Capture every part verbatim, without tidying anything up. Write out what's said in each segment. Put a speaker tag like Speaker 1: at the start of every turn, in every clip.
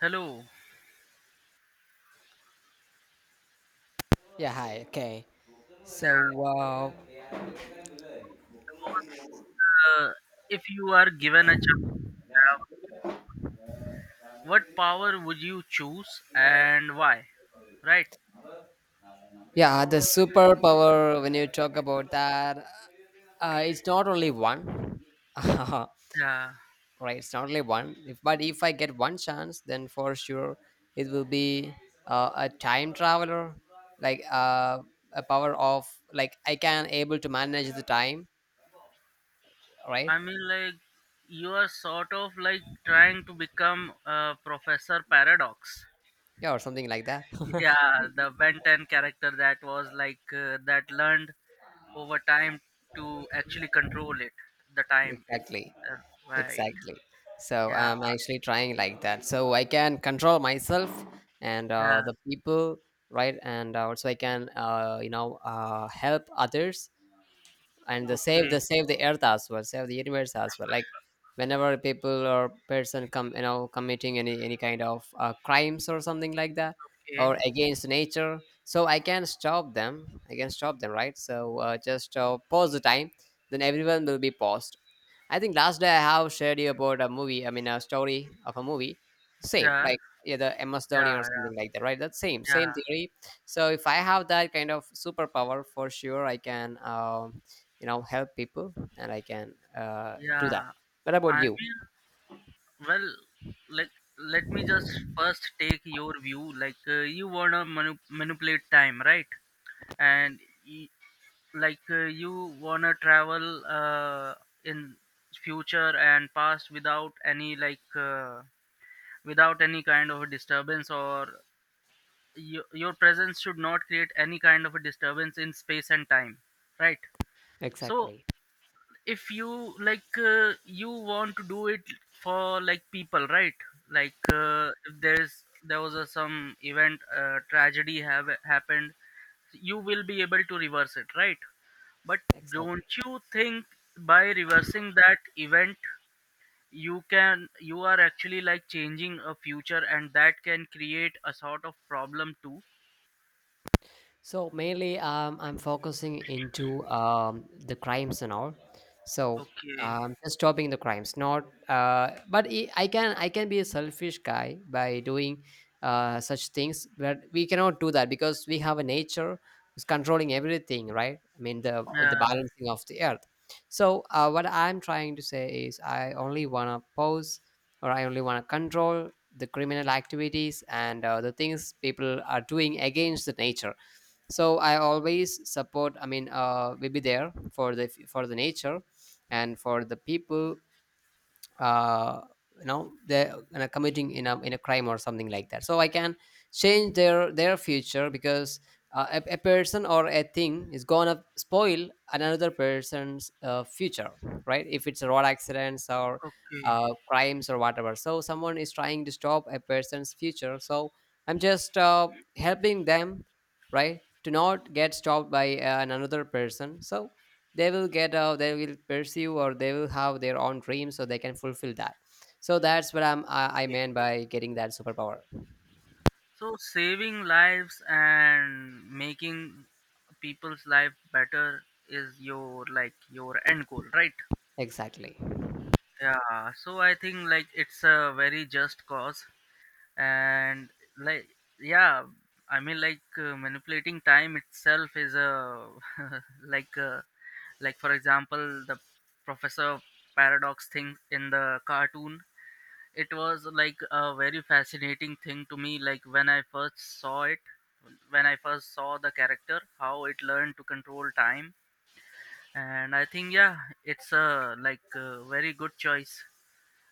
Speaker 1: Hello.
Speaker 2: Yeah, hi. Okay. So, uh,
Speaker 1: Uh, if you are given a chakra, what power would you choose and why? Right?
Speaker 2: yeah, the superpower, when you talk about that, uh, it's not only one. Right,
Speaker 1: Yeah.
Speaker 2: it's not only one. If, but if I get one chance, then for sure it will be uh, a time traveler, like uh, a power of, like, I can able to manage the time, right?
Speaker 1: I mean, like, you are sort of like trying to become a Professor Paradox.
Speaker 2: Yeah, or something like that.
Speaker 1: Yeah, the Ben ten character that was like, uh, that learned over time to actually control it, the time. It's
Speaker 2: Exactly.
Speaker 1: uh, right.
Speaker 2: Exactly. So
Speaker 1: Yeah,
Speaker 2: I'm actually trying like that. So I can control myself and uh,
Speaker 1: yeah.
Speaker 2: the people, right? And uh, also I can, uh, you know, uh, help others and the save
Speaker 1: Okay,
Speaker 2: the save the earth as well, save the universe as well. Like whenever people or person come, you know, committing any any kind of uh, crimes or something like that, or
Speaker 1: okay.
Speaker 2: against nature, so I can stop them. I can stop them, right? So uh, just uh, pause the time. Then everyone will be paused. I think last day I have shared you about a movie. I mean, a story of a movie. Same,
Speaker 1: Yeah,
Speaker 2: like yeah, the M S Dhoni
Speaker 1: yeah,
Speaker 2: or something
Speaker 1: yeah,
Speaker 2: like that, right? That's same,
Speaker 1: yeah,
Speaker 2: same theory. So if I have that kind of superpower, for sure I can, um, you know, help people and I can uh, do that.
Speaker 1: yeah.
Speaker 2: What about
Speaker 1: I
Speaker 2: you?
Speaker 1: mean, well let let me just first take your view like uh, you wanna manu- manipulate time, right? And y- like uh, you wanna travel uh, in future and past without any like uh, without any kind of a disturbance, or y- your presence should not create any kind of a disturbance in space and time, right? So
Speaker 2: Exactly.
Speaker 1: if you like uh, you want to do it for like people, right? Like uh, if there's there was a, some event, uh, tragedy have happened, you will be able to reverse it, right? But
Speaker 2: Exactly.
Speaker 1: don't you think by reversing that event you can, you are actually like changing a future, and that can create a sort of problem too.
Speaker 2: So mainly, um, I'm focusing into um, the crimes and all. So
Speaker 1: Okay.
Speaker 2: um, just stopping the crimes, not. Uh, but I I can I can be a selfish guy by doing uh, such things, but we cannot do that because we have a nature who's controlling everything, right? I mean the the
Speaker 1: Yeah,
Speaker 2: balancing of the earth. So uh, what I'm trying to say is, I only wanna pose, or I only wanna control the criminal activities and uh, the things people are doing against the nature. So I always support. I mean, uh, we be there for the for the nature and for the people. uh, you know they're, you know, committing in a in a crime or something like that, so I can change their their future. Because uh, a, a person or a thing is gonna spoil another person's uh, future, right? If it's road accidents or
Speaker 1: okay.
Speaker 2: uh, crimes or whatever, so someone is trying to stop a person's future. So I'm just uh, helping them, right, to not get stopped by uh, another person. So they will get out, they will pursue, or they will have their own dreams so they can fulfill that. So that's what i'm i, I meant by getting that superpower.
Speaker 1: So saving lives and making people's life better is your like your end goal, right?
Speaker 2: Exactly.
Speaker 1: Yeah. So I think like it's a very just cause, and like yeah, I mean like uh, manipulating time itself is a like uh, like for example the professor paradox thing in the cartoon, it was like a very fascinating thing to me, like when I first saw it, when I first saw the character, how it learned to control time. And I think, yeah, it's a like a very good choice.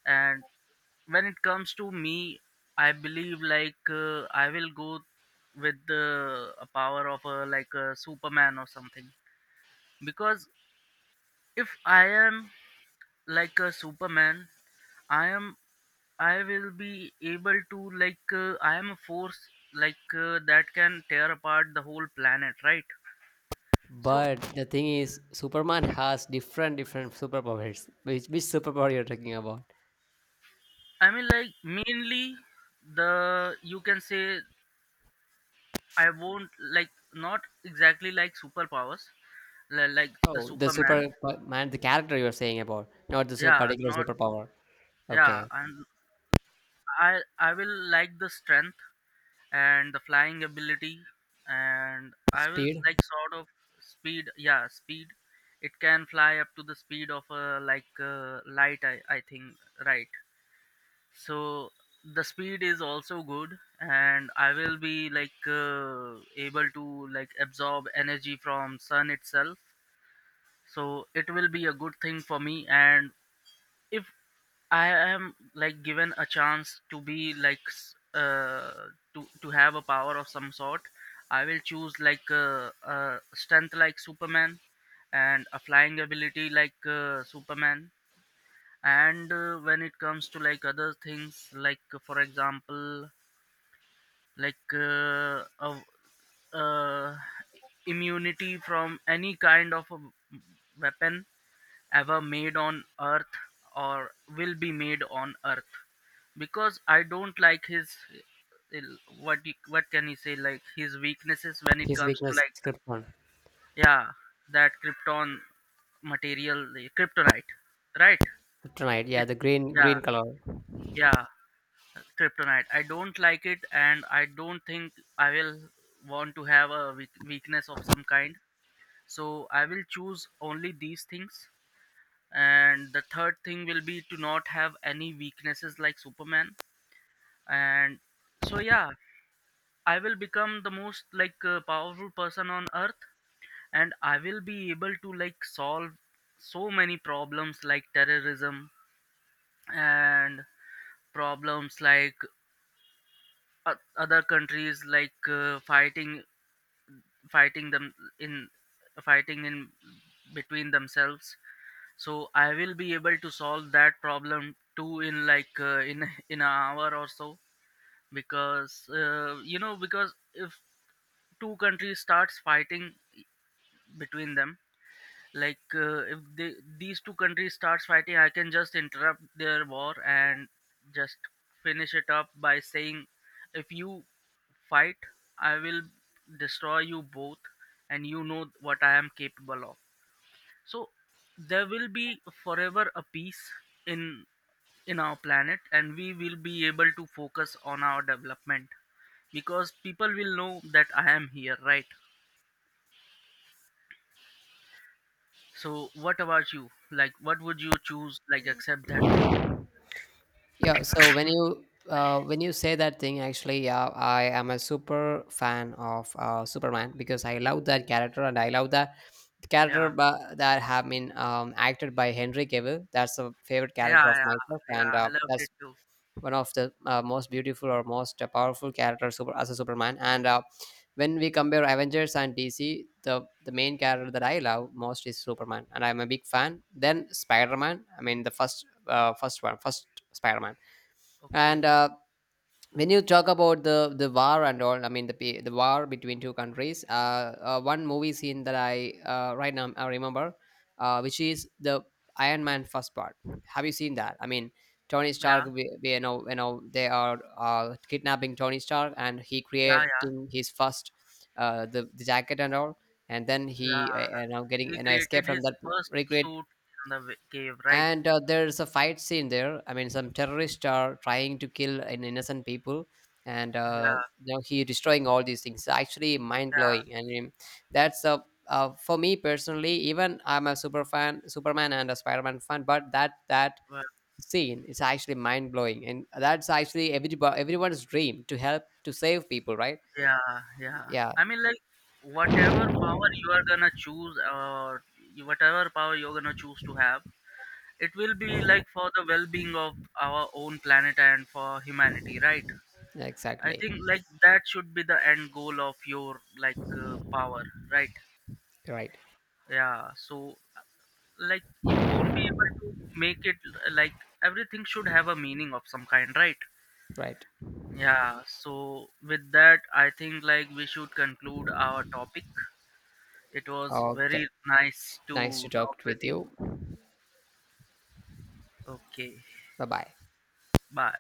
Speaker 1: And when it comes to me, I believe like uh, I will go with the a power of a like a Superman or something, because if I am like a Superman, I am, I will be able to like uh, I am a force like uh, that can tear apart the whole planet, right? So
Speaker 2: But the thing is, Superman has different different superpowers. Which which superpower you're talking about?
Speaker 1: I mean like mainly the, you can say, I won't like, not exactly like superpowers, li- like the
Speaker 2: Oh, the
Speaker 1: Superman.
Speaker 2: Superman, the character you're saying about, not the su-
Speaker 1: Yeah,
Speaker 2: particular
Speaker 1: not,
Speaker 2: superpower.
Speaker 1: yeah,
Speaker 2: Okay.
Speaker 1: and I I will like the strength and the flying ability, and I will
Speaker 2: Speed.
Speaker 1: like sort of speed, yeah, speed. It can fly up to the speed of a like uh, light. I, I think, right? So the speed is also good, and I will be like uh, able to like absorb energy from sun itself, so it will be a good thing for me. And if I am like given a chance to be like s- uh to to have a power of some sort, I will choose like uh, uh, strength like Superman and a flying ability like uh, Superman. And uh, when it comes to like other things, like uh, for example, like uh, a uh, immunity from any kind of a weapon ever made on earth or will be made on earth, because I don't like his, what you- what can you say, like his weaknesses when it
Speaker 2: His
Speaker 1: comes to
Speaker 2: weakness
Speaker 1: like,
Speaker 2: is krypton.
Speaker 1: yeah, that krypton material, the kryptonite, right?
Speaker 2: Kryptonite, yeah,
Speaker 1: It,
Speaker 2: the green
Speaker 1: yeah,
Speaker 2: green color.
Speaker 1: yeah, kryptonite, I don't like it, and I don't think I will want to have a weak- weakness of some kind. So I will choose only these things, and the third thing will be to not have any weaknesses like Superman. And so yeah, I will become the most like uh, powerful person on earth, and I will be able to like solve so many problems like terrorism and problems like o- other countries like uh, fighting, fighting them in fighting in between themselves. So I will be able to solve that problem too, in like uh, in in an hour or so, because uh, you know, because if two countries starts fighting between them, like uh, if they, these two countries starts fighting, I can just interrupt their war and just finish it up by saying, if you fight, I will destroy you both, and you know what I am capable of. So there will be forever a peace in in our planet, and we will be able to focus on our development, because people will know that I am here, right? So what about you, like what would you choose, like accept that thing?
Speaker 2: Yeah, so when you uh, when you say that thing, actually, yeah, I am a super fan of uh, Superman, because I love that character, and I love that character
Speaker 1: Yeah,
Speaker 2: ba- that have been um, acted by Henry Cavill. That's a favorite character
Speaker 1: yeah,
Speaker 2: of
Speaker 1: yeah,
Speaker 2: myself,
Speaker 1: yeah,
Speaker 2: and
Speaker 1: I
Speaker 2: uh,
Speaker 1: loved
Speaker 2: that's
Speaker 1: it too.
Speaker 2: one of the uh, most beautiful or most uh, powerful characters super, as a Superman. And uh, when we compare Avengers and D C, the the main character that I love most is Superman, and I'm a big fan. Then Spider Man. I mean, the first uh, first one, first Spider Man. And
Speaker 1: Okay,
Speaker 2: uh, when you talk about the the war and all, I mean the pe- the war between two countries. Uh, uh, one movie scene that I uh, right now I remember, uh, which is the Iron Man first part. Have you seen that? I mean, Tony Stark.
Speaker 1: yeah,
Speaker 2: We, we, you know, you know, they are uh, kidnapping Tony Stark, and he
Speaker 1: yeah, yeah,
Speaker 2: creating his first uh, the, the jacket and all, and then he uh,
Speaker 1: yeah,
Speaker 2: you know, getting
Speaker 1: he
Speaker 2: an escape
Speaker 1: created
Speaker 2: from
Speaker 1: his
Speaker 2: that.
Speaker 1: first
Speaker 2: Recreate.
Speaker 1: suit in the wa- cave, right?
Speaker 2: And uh, there's a fight scene there. I mean, some terrorists are trying to kill an innocent people. And
Speaker 1: Yeah,
Speaker 2: uh, now he destroying all these things. Actually
Speaker 1: yeah,
Speaker 2: mind-blowing. I mean, that's a uh, for me personally, even I'm a super fan Superman and a Spider-Man fan, but that that
Speaker 1: well,
Speaker 2: scene is actually mind-blowing, and that's actually everybody, everyone's dream to help to save people, right?
Speaker 1: yeah, yeah,
Speaker 2: Yeah.
Speaker 1: I mean like whatever power you are gonna choose or you- whatever power you're gonna choose to have, it will be like for the well-being of our own planet and for humanity, right? I
Speaker 2: Exactly.
Speaker 1: think like that should be the end goal of your like uh, power, right?
Speaker 2: Right.
Speaker 1: Yeah, so like you won't be able to make it uh, like, everything should have a meaning of some kind, right?
Speaker 2: Right.
Speaker 1: Yeah, so with that I think like we should conclude our topic. It was very
Speaker 2: Okay,
Speaker 1: nice to
Speaker 2: nice to
Speaker 1: talk
Speaker 2: talk
Speaker 1: with
Speaker 2: with
Speaker 1: you.
Speaker 2: you.
Speaker 1: Okay,
Speaker 2: Bye bye.
Speaker 1: bye.